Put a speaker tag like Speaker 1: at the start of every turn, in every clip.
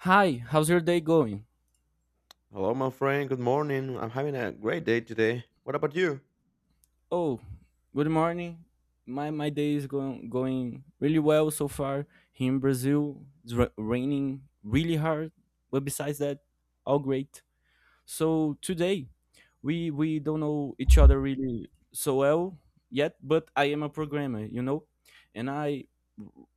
Speaker 1: Hi, how's your day going?
Speaker 2: Hello, my friend. Good morning. I'm having a great day today. What about you?
Speaker 1: Oh, good morning. My day is going really well so far. Here in Brazil, it's raining really hard, but besides that, all great. So today, we don't know each other really so well yet, but I am a programmer, you know, and I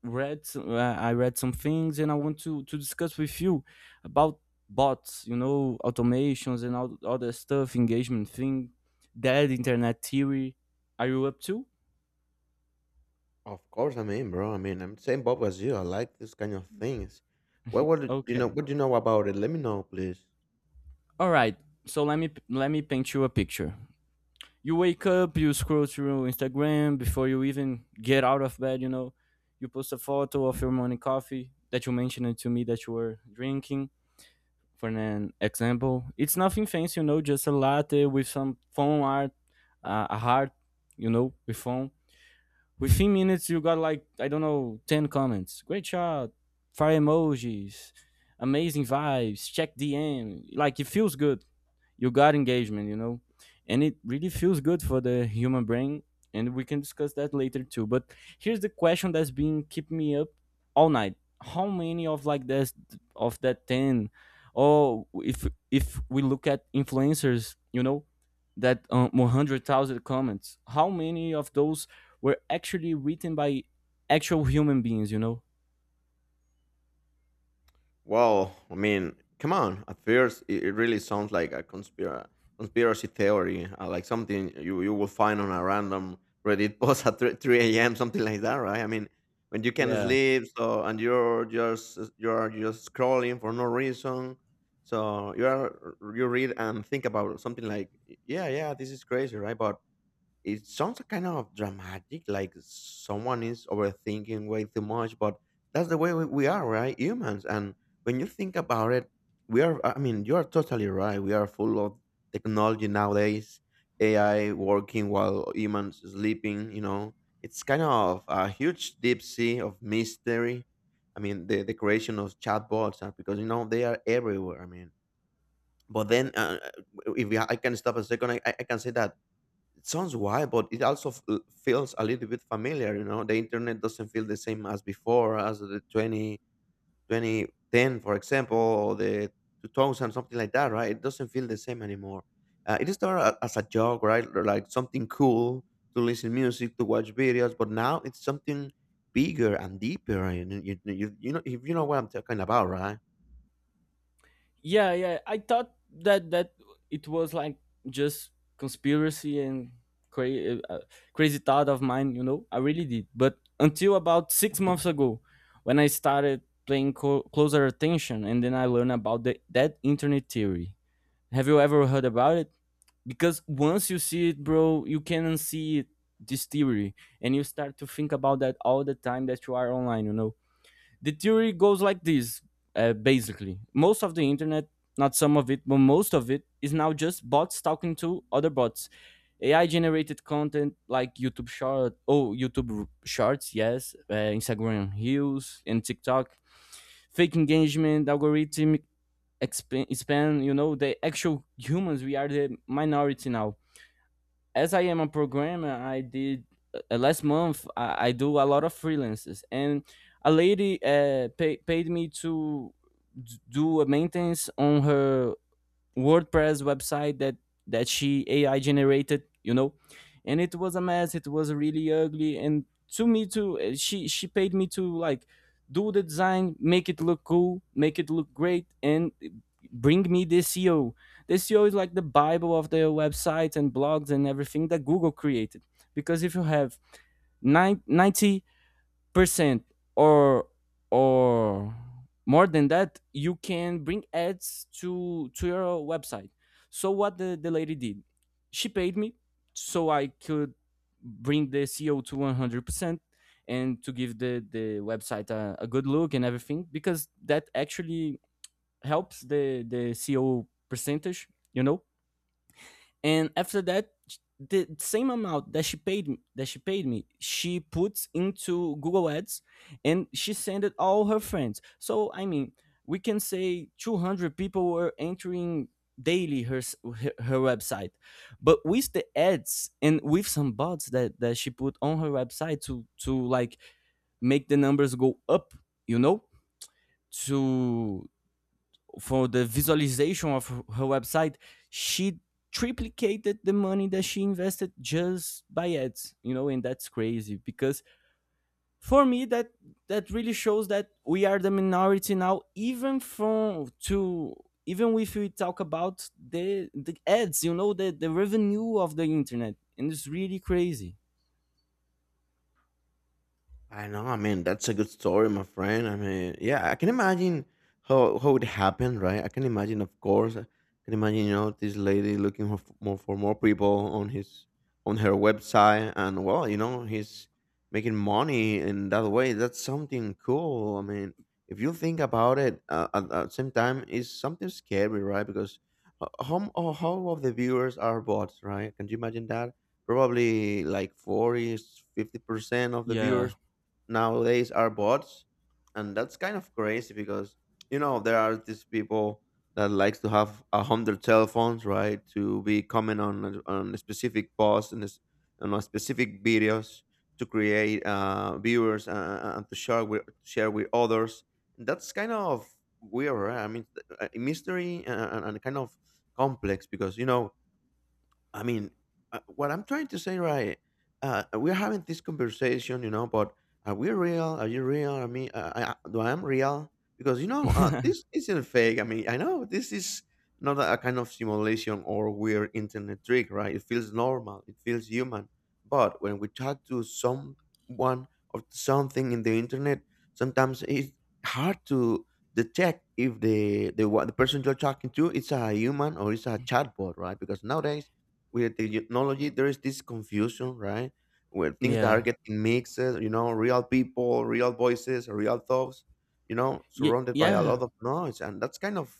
Speaker 1: read I read some things, and I want to discuss with you about bots, you know, automations and all other stuff, engagement thing, that internet theory. Are you up to?
Speaker 2: Of course, I'm in, bro. I mean, I'm same Bob as you. I like this kind of things. Do you know?
Speaker 1: Okay,
Speaker 2: What do you know about it? Let me know, please.
Speaker 1: all right. So let me paint you a picture. You wake up, you scroll through Instagram before you even get out of bed, you know. You post a photo of your morning coffee that you mentioned to me that you were drinking. For an example, it's nothing fancy, you know, just a latte with some phone art, a heart, you know, with phone. Within minutes, you got, like, I don't know, 10 comments. Great shot, fire emojis, amazing vibes, check DM. Like, it feels good, you got engagement, you know, and it really feels good for the human brain, and we can discuss that later too. But here's the question that's been keeping me up all night. How many of like this, of that 10, or if we look at influencers, you know, that 100,000 comments, how many of those were actually written by actual human beings, you know?
Speaker 2: Well, I mean, come on. At first, it really sounds like a conspiracy theory, like something you will find on a random Reddit post at 3, 3 a.m., something like that, right? I mean, when you can
Speaker 1: yeah
Speaker 2: sleep, so and you're just scrolling for no reason, so you read and think about something like, yeah, yeah, this is crazy, right? But it sounds kind of dramatic, like someone is overthinking way too much, but that's the way we are, right? Humans. And when you think about it, we are, I mean, you are totally right. We are full of technology nowadays, AI working while humans sleeping. It's kind of a huge deep sea of mystery. I mean, the creation of chatbots, because, they are everywhere. I mean, but then if we- I can stop a second, I can say that it sounds wild, but it also feels a little bit familiar. You know, the internet doesn't feel the same as before, as the twenty twenty ten, for example, or the 2000, something like that, right? It doesn't feel the same anymore. It started as a joke, right? Or like something cool to listen music, to watch videos, but now it's something bigger and deeper. And if you know what I'm talking about, right?
Speaker 1: yeah yeah I thought that it was like just conspiracy and cra- uh, crazy thought of mine, you know. I really did, but until about 6 months ago, when I started paying closer attention, and then I learned about that internet theory. Have you ever heard about it? Because once you see it, bro, you can see it, this theory, and you start to think about that all the time that you are online, you know. The theory goes like this. Basically, most of the internet, not some of it but most of it, is now just bots talking to other bots, AI generated content like YouTube short, oh, YouTube shorts, yes, Instagram reels and TikTok, fake engagement, algorithmic expand, you know, the actual humans, we are the minority now. As I am a programmer, I did, last month, I do a lot of freelances, and a lady paid me to do a maintenance on her WordPress website that she AI generated, you know, and it was a mess. It was really ugly, and to me too, she paid me to like do the design, make it look cool, make it look great, and bring me the SEO. The SEO is like the bible of the websites and blogs and everything that Google created. Because if you have nine ninety percent, or or more than that, you can bring ads to your website. So what the lady did, she paid me so I could bring the SEO to 100%, and to give the website a good look and everything, because that actually helps the SEO percentage, you know. And after that, the same amount that she paid me, she puts into Google ads, and she sent it all her friends. So I mean, we can say 200 people were entering daily her her website, but with the ads and with some bots that she put on her website to like make the numbers go up, you know, to for the visualization of her website, she triplicated the money that she invested just by ads, you know, and that's crazy because for me that really shows that we are the minority now, even from to, even if we talk about the ads, you know, the revenue of the internet, and it's really crazy.
Speaker 2: I know. I mean, that's a good story, my friend. I mean, yeah, I can imagine how it happened, right? I can imagine, of course. I can imagine, this lady looking for more people on her website, and well, he's making money in that way. That's something cool. I mean, if you think about it, at the same time, it's something scary, right? Because how of the viewers are bots, right? Can you imagine that? Probably like 40 50 percent of the
Speaker 1: Yeah.
Speaker 2: viewers nowadays are bots, and that's kind of crazy because there are these people that likes to have 100 cell phones, right, to be comment on on a specific posts, and on a specific videos to create viewers and to share with others. That's kind of weird, right? I mean a mystery, and kind of complex because I mean, what I'm trying to say, right? We're having this conversation, but are we real? Are you real? I mean, do I am real? Because this isn't fake. I mean, I know this is not a kind of simulation or weird internet trick, right? It feels normal. It feels human. But when we talk to someone or something in the internet, sometimes it's hard to detect if the person you're talking to it's a human or it's a chatbot, right? Because nowadays with the technology there is this confusion, right, where things that
Speaker 1: Yeah.
Speaker 2: are getting mixed, real people, real voices, real thoughts,
Speaker 1: Yeah.
Speaker 2: surrounded by a
Speaker 1: Yeah.
Speaker 2: lot of noise, and that's kind of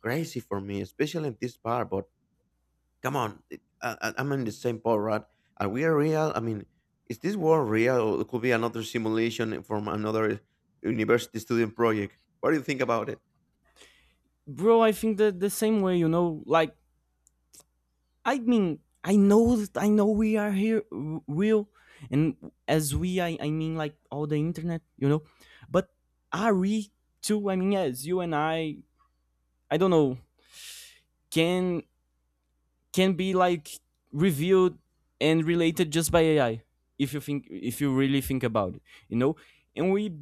Speaker 2: crazy for me, especially in this part. But come on, I'm in the same boat, right? Are we real? I mean, is this world real, or it could be another simulation from another university student project? What do you think about it?
Speaker 1: Bro, I think that the same way, you know, like, I mean, I know, that, I know we are here, real, and as we, I mean, like all the internet, you know. But are we too? I mean, as you and I don't know, can be like reviewed and related just by AI, if you think, if you really think about it, you know. And we,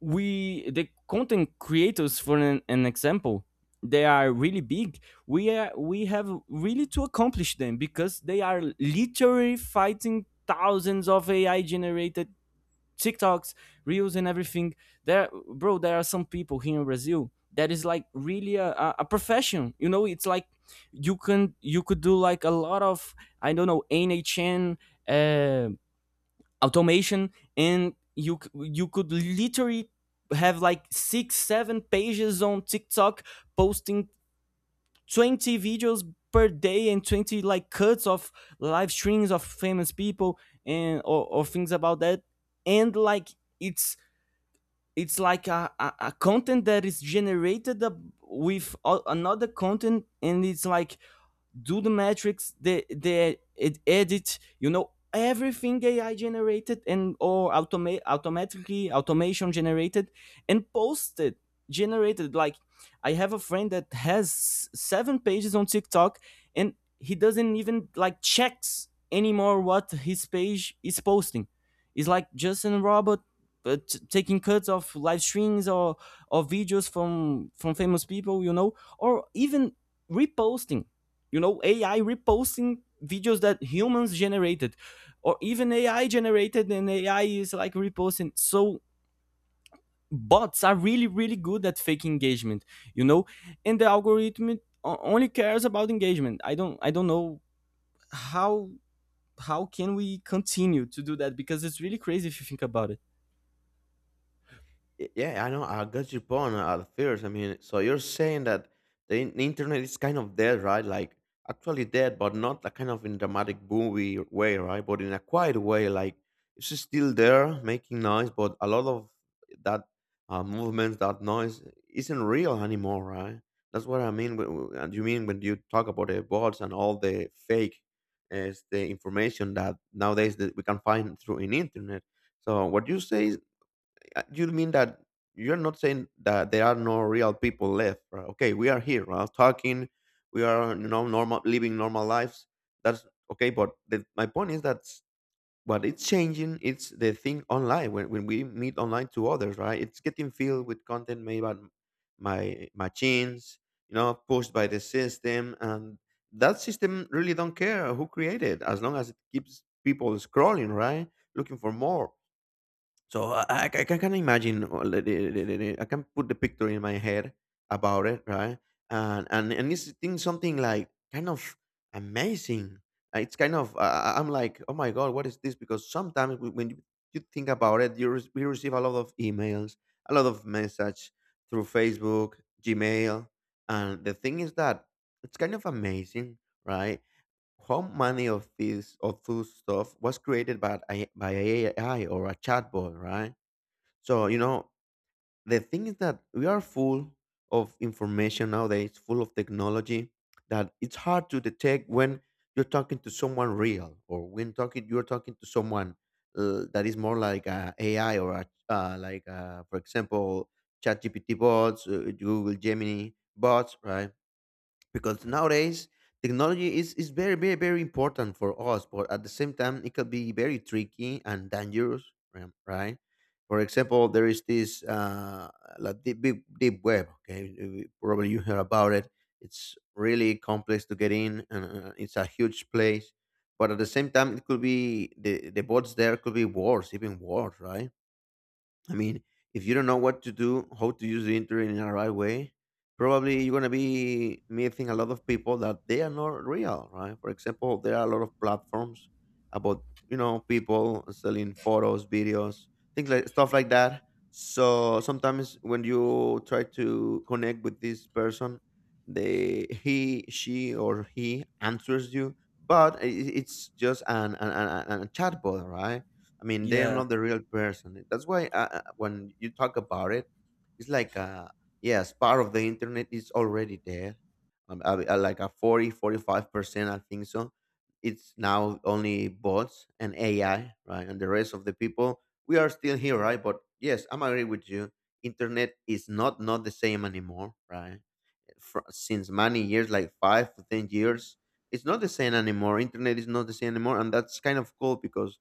Speaker 1: the content creators, for an example, they are really big, we are, we have really to accomplish them, because they are literally fighting thousands of AI generated TikToks, reels, and everything. There, bro, there are some people here in Brazil that is like really a profession. You know, it's like you can, you could do like a lot of, I don't know, NHN, uh, automation, and you you could literally have like six seven pages on TikTok, posting 20 videos per day and 20 like cuts of live streams of famous people, and or things about that, and like it's it's like a content that is generated up with another content, and it's like do the metrics, the edit, you know, everything AI generated and or automatically automation generated and posted, generated, like I have a friend that has seven pages on TikTok, and he doesn't even like checks anymore what his page is posting. It's like just a robot but taking cuts of live streams or videos from famous people, you know, or even reposting, you know, AI reposting videos that humans generated, or even AI generated, and AI is like reposting. So bots are really really good at fake engagement, you know, and the algorithm only cares about engagement. I don't know how can we continue to do that, because it's really crazy if you think about it.
Speaker 2: Yeah, I know. I got your point, at first. I mean, so you're saying that the internet is kind of dead, right? Like actually dead, but not a kind of in dramatic movie way, right? But in a quiet way, like it's just still there, making noise, but a lot of that movement, that noise, isn't real anymore, right? That's what I mean. And you mean when you talk about the bots and all the fake, the information that nowadays that we can find through in internet. So what you say is, you mean that you're not saying that there are no real people left, right? Okay, we are here, right? Talking. We are, normal living normal lives. That's okay. But my point is that what it's changing it's the thing online when we meet online to others, right? It's getting filled with content made by my machines, pushed by the system, and that system really don't care who created as long as it keeps people scrolling, right, looking for more. So I can imagine, I can put the picture in my head about it, right? And it's thing something like kind of amazing. It's kind of I'm like, oh my god, what is this? Because sometimes when you think about it, we receive a lot of emails, a lot of message through Facebook, Gmail, and the thing is that it's kind of amazing, right? How many of those stuff was created by by AI or a chatbot, right? So the thing is that we are full of information nowadays, full of technology, that it's hard to detect when you're talking to someone real or when talking you're talking to someone that is more like a AI or like for example ChatGPT bots, Google Gemini bots, right? Because nowadays technology is very, very, very important for us, but at the same time it could be very tricky and dangerous, right. For example, there is this like deep, deep, deep web. Okay. Probably you hear about it, it's really complex to get in, and it's a huge place, but at the same time it could be the bots there could be worse, even worse, right? I mean, if you don't know what to do, how to use the internet in a right way, probably you're gonna be meeting a lot of people that they are not real, right? For example, there are a lot of platforms about, people selling photos, videos, things like stuff like that. So sometimes when you try to connect with this person, they he, she, or he answers you, but it's just an a chatbot, right? I mean, they are
Speaker 1: yeah
Speaker 2: not the real person. That's why when you talk about it, it's like, yes, part of the internet is already there. Like a forty, 45% I think so. It's now only bots and AI, right? And the rest of the people, we are still here, right? But yes, I'm agree with you. Internet is not the same anymore, right? For, since many years, like 5 to 10 years, it's not the same anymore. Internet is not the same anymore, and that's kind of cool because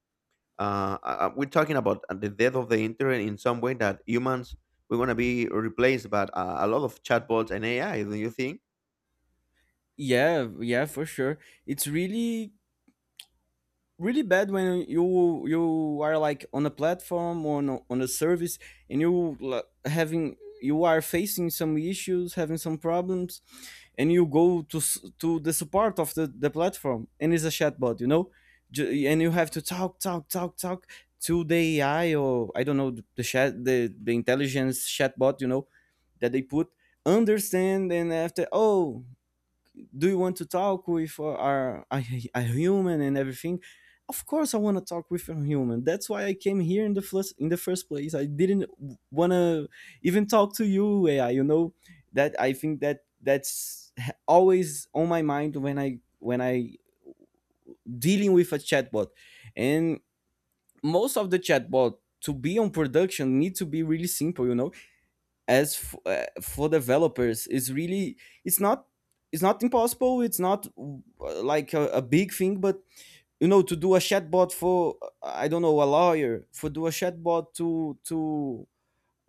Speaker 2: we're talking about the death of the internet in some way that humans we want to be replaced by a lot of chatbots and AI. Do you think?
Speaker 1: yeah yeah, for sure. It's really really bad when you are like on a platform or on on a service, and you like, having, you are facing some issues, having some problems, and you go to to the support of the platform, and it's a chatbot, you know. And you have to talk to the AI, or I don't know, the intelligence chatbot, you know, that they put, understand, and after, oh, do you want to talk with a human and everything, of course I want to talk with a human, that's why I came here in the first place, I didn't want to even talk to you AI, you know. That, I think that that's always on my mind when I dealing with a chatbot. And most of the chatbot to be on production need to be really simple, you know. As for developers, it's really, it's not, it's not impossible, it's not like a big thing. But you know, to do a chatbot for, I don't know, a lawyer, for do a chatbot to to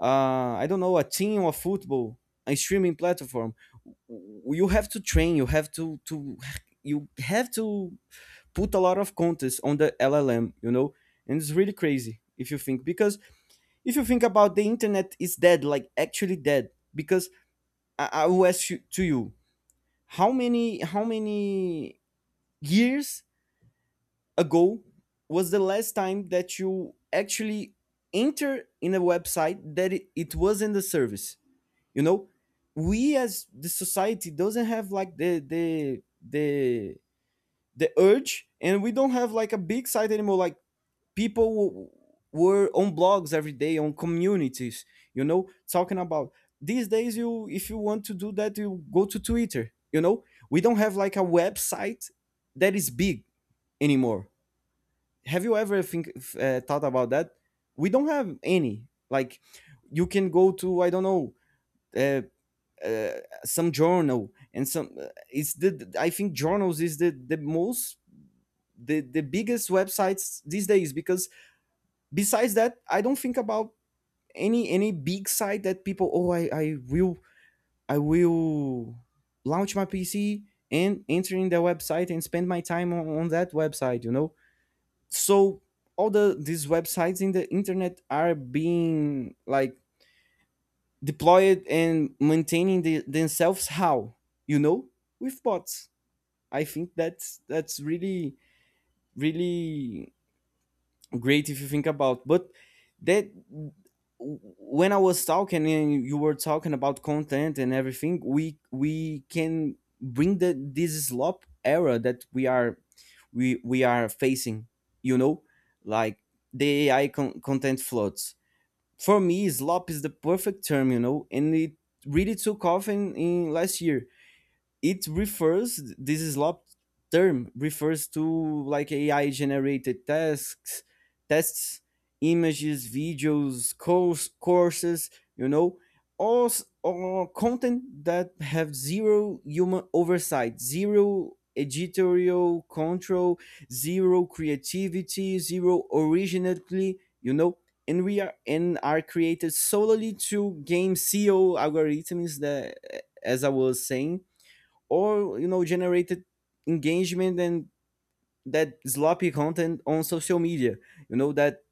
Speaker 1: uh, I don't know, a team of football, a streaming platform, you have to train, you have to you have to put a lot of contest on the LLM, you know. And it's really crazy if you think, because if you think about, the internet is dead, like actually dead. Because I will ask you, to you, how many years ago was the last time that you actually enter in a website that it was in the service, you know. We as the society doesn't have like the the urge, and we don't have like a big site anymore. Like, people were on blogs every day, on communities, you know, talking about. These days, you, if you want to do that, you go to Twitter, you know, we don't have like a website that is big anymore. Have you ever think, thought about that? We don't have any like, you can go to, I don't know, uh, some journal, and some, it's the, I think journals is the most the biggest websites these days, because besides that, I don't think about any big site that people, oh, I will launch my PC and enter in the website and spend my time on that website, you know. So all the these websites in the internet are being like deployed and maintaining themselves, how, you know, with bots. I think that's really really great if you think about. But that, when I was talking, and you were talking about content and everything, we can bring the this slop era that we are, we are facing. You know, like the AI content floods. For me, slop is the perfect term. You know, and it really took off in, last year. It refers this slop term refers to like AI generated tasks, tests, images, videos, courses, you know, all content that have zero human oversight, zero editorial control, zero creativity, zero originality, you know. And are created solely to game SEO algorithms that, as I was saying, or you know, generated engagement, and that sloppy content on social media, you know, that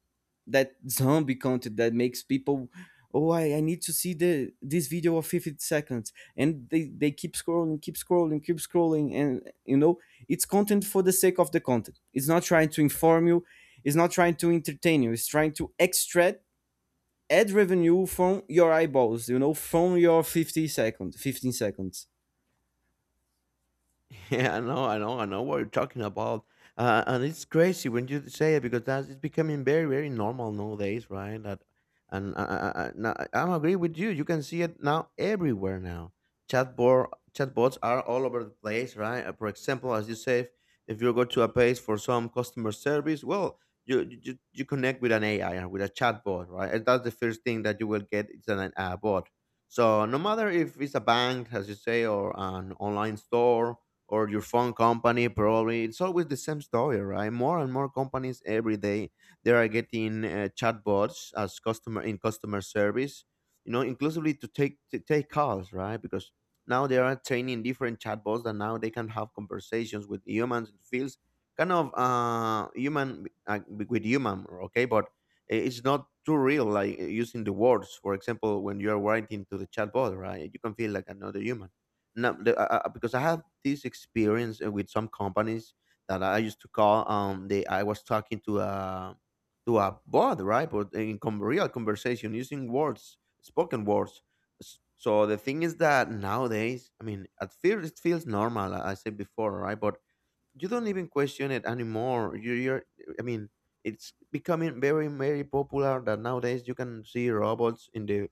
Speaker 1: that zombie content that makes people, oh I need to see the this video of 50 seconds, and they keep scrolling, keep scrolling, keep scrolling, and you know, it's content for the sake of the content. It's not trying to inform you, it's not trying to entertain you, it's trying to extract ad revenue from your eyeballs, you know, from your 50 seconds, 15 seconds.
Speaker 2: Yeah, I know, I know, I know what you're talking about. And it's crazy when you say it because that's it's becoming very, very normal nowadays, right? That, and no, I'm agree with you. You can see it now everywhere now. Chatbot, Chatbots are all over the place, right? For example, as you say, if you go to a page for some customer service, well, you connect with an AI and with a chatbot, right? And that's the first thing that you will get. It's an a bot. So no matter if it's a bank, as you say, or an online store or your phone company, probably it's always the same story, right, more and more companies every day they are getting, chatbots as customer service, inclusively to take calls, right, because now they are training different chatbots that now they can have conversations with humans, it feels kind of human with human, okay, but it's not too real, like, using the words, for example, when you are writing to the chatbot, right, you can feel like another human. No, because I have this experience with some companies that I used to call. They I was talking to a bot, right? But in real conversation, using words, spoken words. So the thing is that nowadays, I mean, at first it feels normal, I said before, right? But you don't even question it anymore. You, you're, I mean, It's becoming very, very popular that nowadays you can see robots in the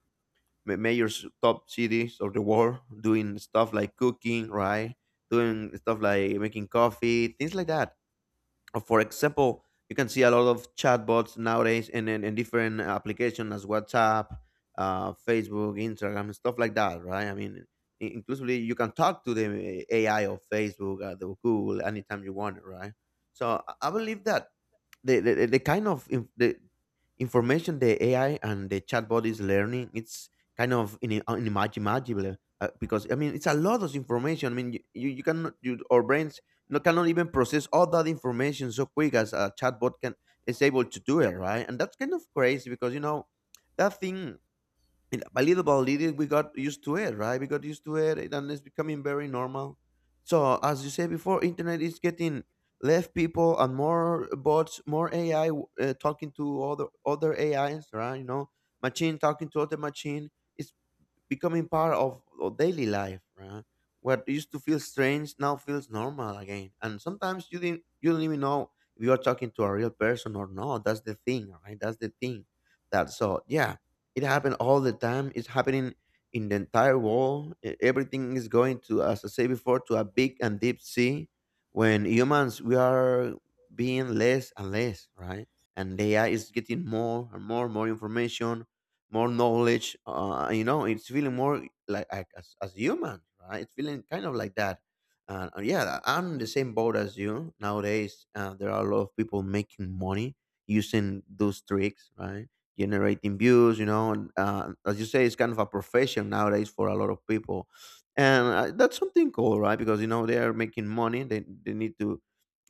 Speaker 2: top cities of the world doing stuff like cooking, right? Doing stuff like making coffee, things like that. Or for example, you can see a lot of chatbots nowadays and in different applications as WhatsApp, Facebook, Instagram, stuff like that, right? I mean, inclusively, you can talk to the AI of Facebook, the Google, anytime you want, right? So I believe that the kind of information the AI and the chatbot is learning, it's kind of unimaginable because I mean it's a lot of information. I mean you cannot our brains no, cannot even process all that information so quick as a chatbot can is able to do it, right? And that's kind of crazy because you know that thing, and little by little, we got used to it, right? We got used to it, and it's becoming very normal. So, as you said before, internet is getting left people and more bots, more AI talking to other AIs, right? You know, machine talking to other machine. It's becoming part of our daily life, right? What used to feel strange now feels normal again. And sometimes you didn't you don't even know if you are talking to a real person or not. That's the thing, right? That's the thing. That so yeah, it happened all the time. It's happening in the entire world. Everything is going to, as I say before, to a big and deep sea. When humans we are being less and less, right? And the AI is getting more and more and more information, more knowledge. You know, it's feeling more like as human, right? It's feeling kind of like that. And yeah, I'm in the same boat as you. Nowadays, there are a lot of people making money using those tricks, right? Generating views, you know, and as you say, it's kind of a profession nowadays for a lot of people, and that's something cool, right? Because you know they are making money, they need to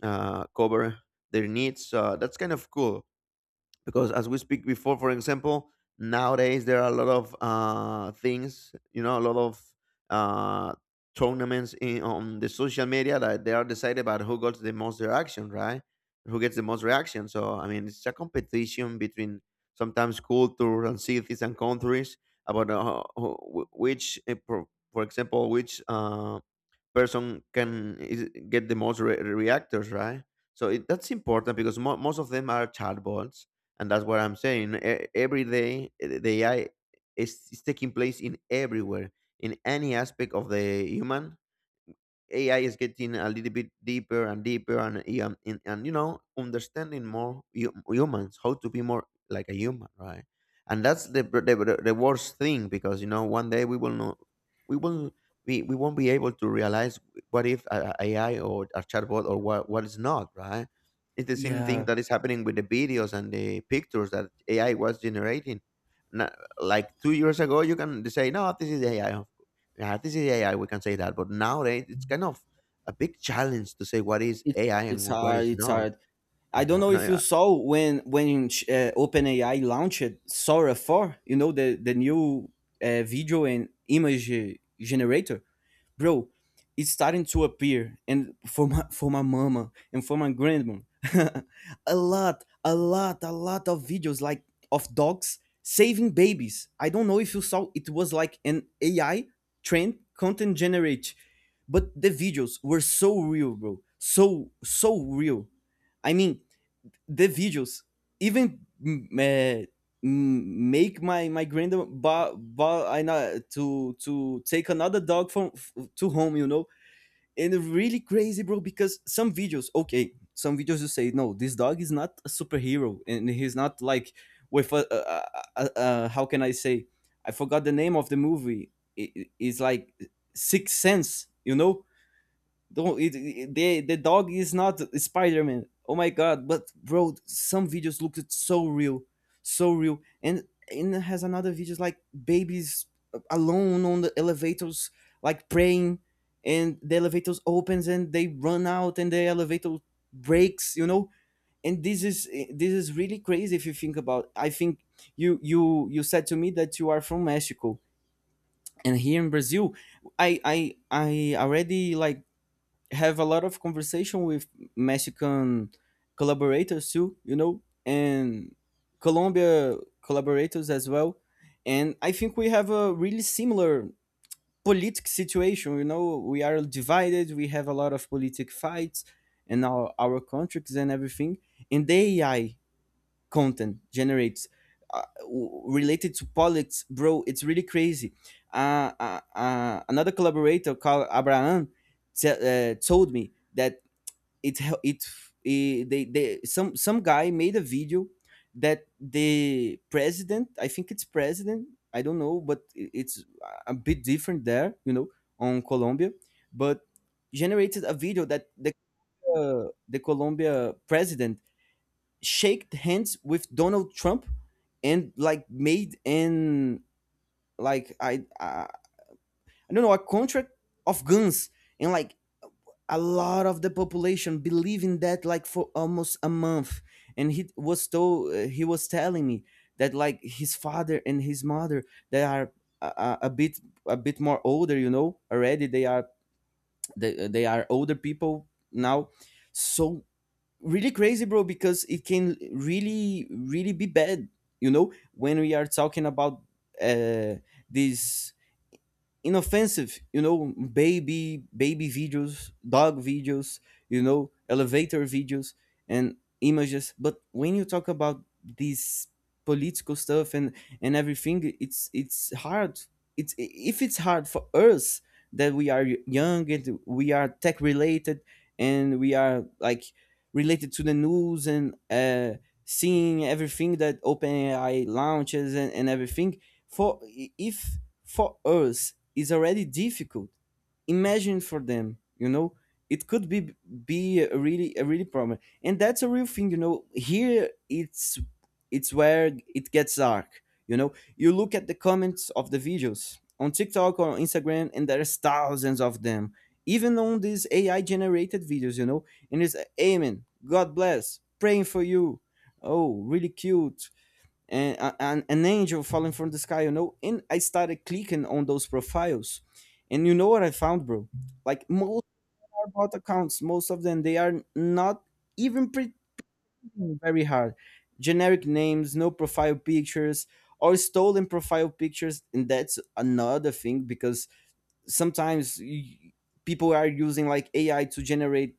Speaker 2: cover their needs. That's kind of cool because as we speak before, for example, nowadays there are a lot of things, you know, a lot of uh, tournaments on the social media that they are decided about who got the most reaction, right, who gets the most reaction. So I mean it's a competition between sometimes cultures and cities and countries about which for example which person get the most reactors, right? So it, that's important because most of them are chatbots, and that's what I'm saying. Every day, eh, the AI is taking place in everywhere, in any aspect of the human. AI is getting a little bit deeper and deeper, and you know, understanding more humans, how to be more like a human, right? And that's the, br- the worst thing because you know, one day we will not, we will we won't be able to realize what if a AI or a chatbot or what is not, right? It's the same thing
Speaker 1: Yeah,
Speaker 2: that is happening with the videos and the pictures that AI was generating. Na- like 2 years ago, you can say, no, this is AI. Yeah, this is AI. We can say that, but nowadays it's kind of a big challenge to say what is
Speaker 1: It's
Speaker 2: AI
Speaker 1: it's
Speaker 2: and what
Speaker 1: hard.
Speaker 2: is
Speaker 1: It's
Speaker 2: not.
Speaker 1: hard.
Speaker 2: I
Speaker 1: I don't know if you
Speaker 2: know.
Speaker 1: saw when OpenAI launched Sora 4, you know, the new video and image generator, bro. It's starting to appear and for my mama and for my grandma a lot, a lot of videos, like of dogs saving babies. I don't know if you saw, it was like an AI trend content generate, but the videos were so real, bro, so so real. I mean the videos even make my grandma buy, buy ano- to take another dog to home, you know. And really crazy, bro, because some videos, okay, some videos you say, no, this dog is not a superhero and he's not like with a, how can I say, I forgot the name of the movie, it's like Sixth Sense, you know, don't it, it- the dog is not Spider Man. Oh my god! But bro, some videos looked so real, so real. And it has another videos like babies alone on the elevators, like praying, and the elevators opens and they run out and the elevator breaks. You know, and this is really crazy if you think about. I think you said to me that you are from Mexico, and here in Brazil, I already like have a lot of conversation with Mexican collaborators too, you know, and Colombia collaborators as well. And I think we have a really similar politic situation. You know, we are divided. We have a lot of politic fights in our countries and everything. And the AI content generates related to politics, bro. It's really crazy. Another collaborator called Abraham told me that it hel- it eh, they some guy made a video that the president, I think it's president, I don't know, but it's a bit different there, you know, on Colombia, but generated a video that the Colombia president shaked hands with Donald Trump and like made an, like I don't know, a contract of guns, and like a lot of the population believe in that, like for almost a month. And he was told he was telling me that like his father and his mother, they are a bit, a bit more older, you know. Already they are, they are older people now. So really crazy, bro, because it can really really be bad, you know, when we are talking about uh this inoffensive, you know, baby videos, dog videos, you know, elevator videos and images. But when you talk about these political stuff and everything, it's hard. It's if it's hard for us that we are young and we are tech related and we are like related to the news and seeing everything that OpenAI launches and everything. For, if for us is already difficult, imagine for them, you know. It could be a really, a really problem, and that's a real thing, you know. Here it's where it gets dark. You know, you look at the comments of the videos on TikTok or on Instagram and there's thousands of them, even on these AI generated videos, you know. And it's amen, god bless, praying for you, oh really cute, and an angel falling from the sky, you know. And I started clicking on those profiles, and you know what I found, bro? Like most are bot accounts. Most of them, they are not even pretending very hard. Generic names, no profile pictures, or stolen profile pictures. And that's another thing, because sometimes people are using like AI to generate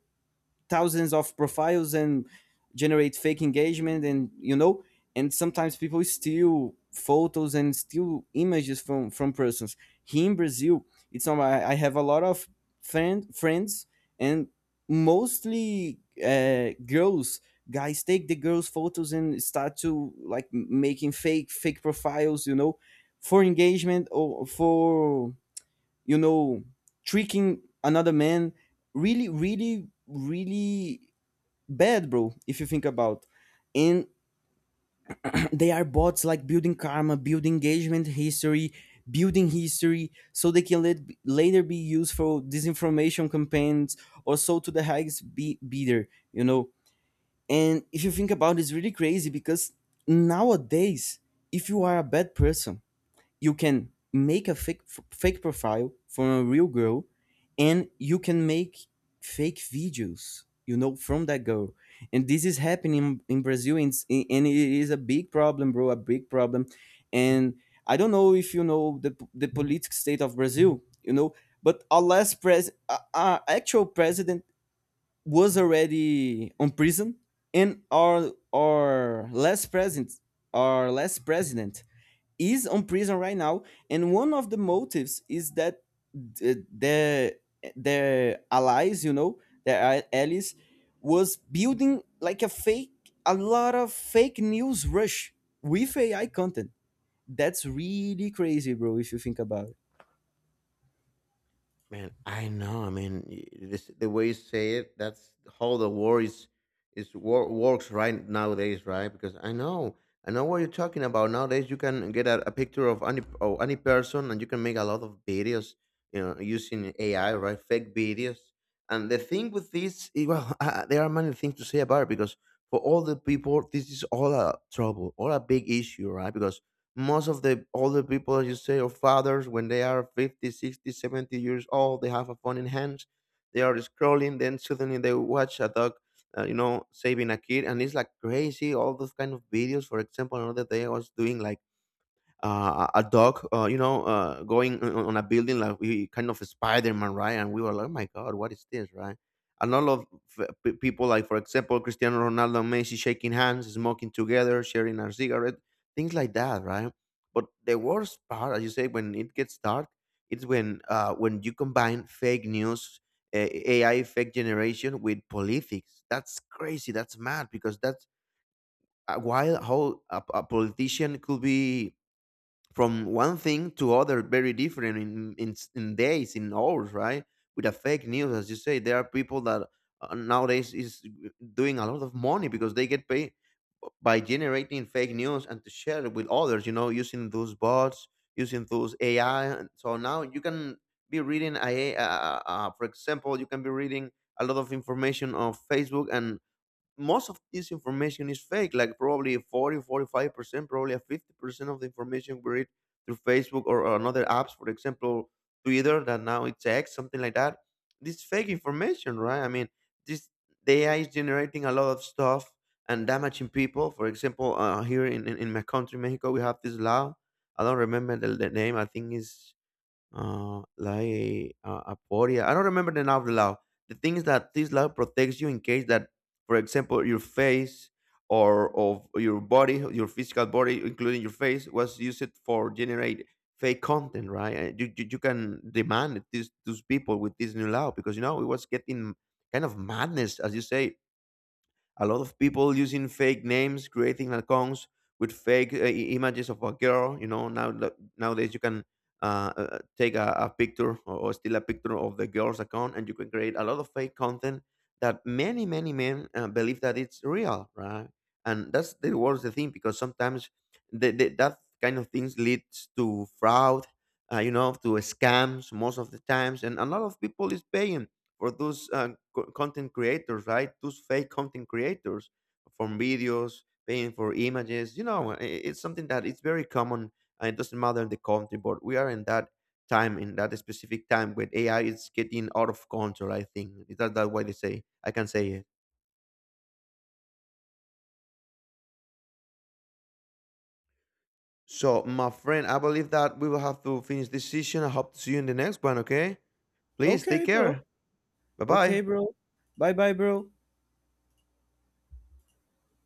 Speaker 1: thousands of profiles and generate fake engagement, and you know, and sometimes people steal photos and steal images from persons. Here in Brazil, it's not, I have a lot of friends, and mostly uh, girls, guys take the girls photos and start to like making fake profiles, you know, for engagement or for, you know, tricking another man. Really really really bad, bro, if you think about. And they are bots, like building karma, building engagement history, building history so they can let, later be used for disinformation campaigns, or so to the highest bidder, you know. And if you think about it, it's really crazy because nowadays if you are a bad person, you can make a fake profile from a real girl, and you can make fake videos, you know, from that girl. And this is happening in Brazil, and and it is a big problem, bro, a big problem. And I don't know if you know the political state of Brazil, you know, but our last pres our actual president was already on prison. And our last president, our last president is on prison right now. And one of the motives is that their allies, you know, their allies was building like a fake, a lot of fake news rush with AI content. That's really crazy, bro, if you think about it.
Speaker 2: Man, I know. I mean, the way you say it, that's how the war is works right nowadays, right? Because I know what you're talking about. Nowadays, you can get a picture of any person, and you can make a lot of videos, you know, using AI, right? Fake videos. And the thing with this, eh, well, there are many things to say about it because for all the people, this is all a trouble, all a big issue, right? Because most of the older people, as you say, or fathers, when they are 50, 60, 70 years old, they have a phone in hands, they are scrolling, then suddenly they watch a dog, you know, saving a kid, and it's like crazy, all those kind of videos. For example, another day I was doing like a dog, you know, going on a building like we kind of Spider Man, right? And we were like, oh my God, what is this, right? A lot of people, like for example, Cristiano Ronaldo and Messi shaking hands, smoking together, sharing a cigarette, things like that, right? But the worst part, as you say, when it gets dark, it's when you combine fake news, AI fake generation with politics. That's crazy. That's mad because that's while how a politician could be from one thing to other very different in days, in hours, right? With a fake news, as you say, there are people that nowadays is doing a lot of money because they get paid by generating fake news and to share it with others, you know, using those bots, using those AI. And so now you can be reading for example, you can be reading a lot of information on Facebook, and most of this information is fake, like probably 40 45% probably a 50% of the information we read through Facebook or another apps, for example Twitter that now it's X, something like that. This fake information, right? I mean, this, the AI is generating a lot of stuff and damaging people. For example, here in my country Mexico, we have this law. I don't remember the name. I think is uh, like a, a, I don't remember the name of the law. The thing is that this law protects you in case that, for example, your face or of your body, your physical body, including your face, was used for generate fake content, right? And you can demand it, these those people with this new law, because you know it was getting kind of madness, as you say, a lot of people using fake names, creating accounts with fake images of a girl. You know, now nowadays you can take a picture or steal a picture of the girl's account, and you can create a lot of fake content that many men believe that it's real, right? And that's the worst the thing because sometimes that kind of things leads to fraud. You know, to scams most of the times, and a lot of people is paying for those content creators, right? Those fake content creators from videos, paying for images. You know, it's something that it's very common. And it doesn't matter in the country, but we are in that time, in that specific time when AI is getting out of control. I think is that that why they say I can say it. So, my friend, I believe that we will have to finish this session. I hope to see you in the next one. Okay, please take
Speaker 1: Okay, bro.
Speaker 2: care. Bye
Speaker 1: Okay,
Speaker 2: bye.
Speaker 1: bro. Bye bye, bro.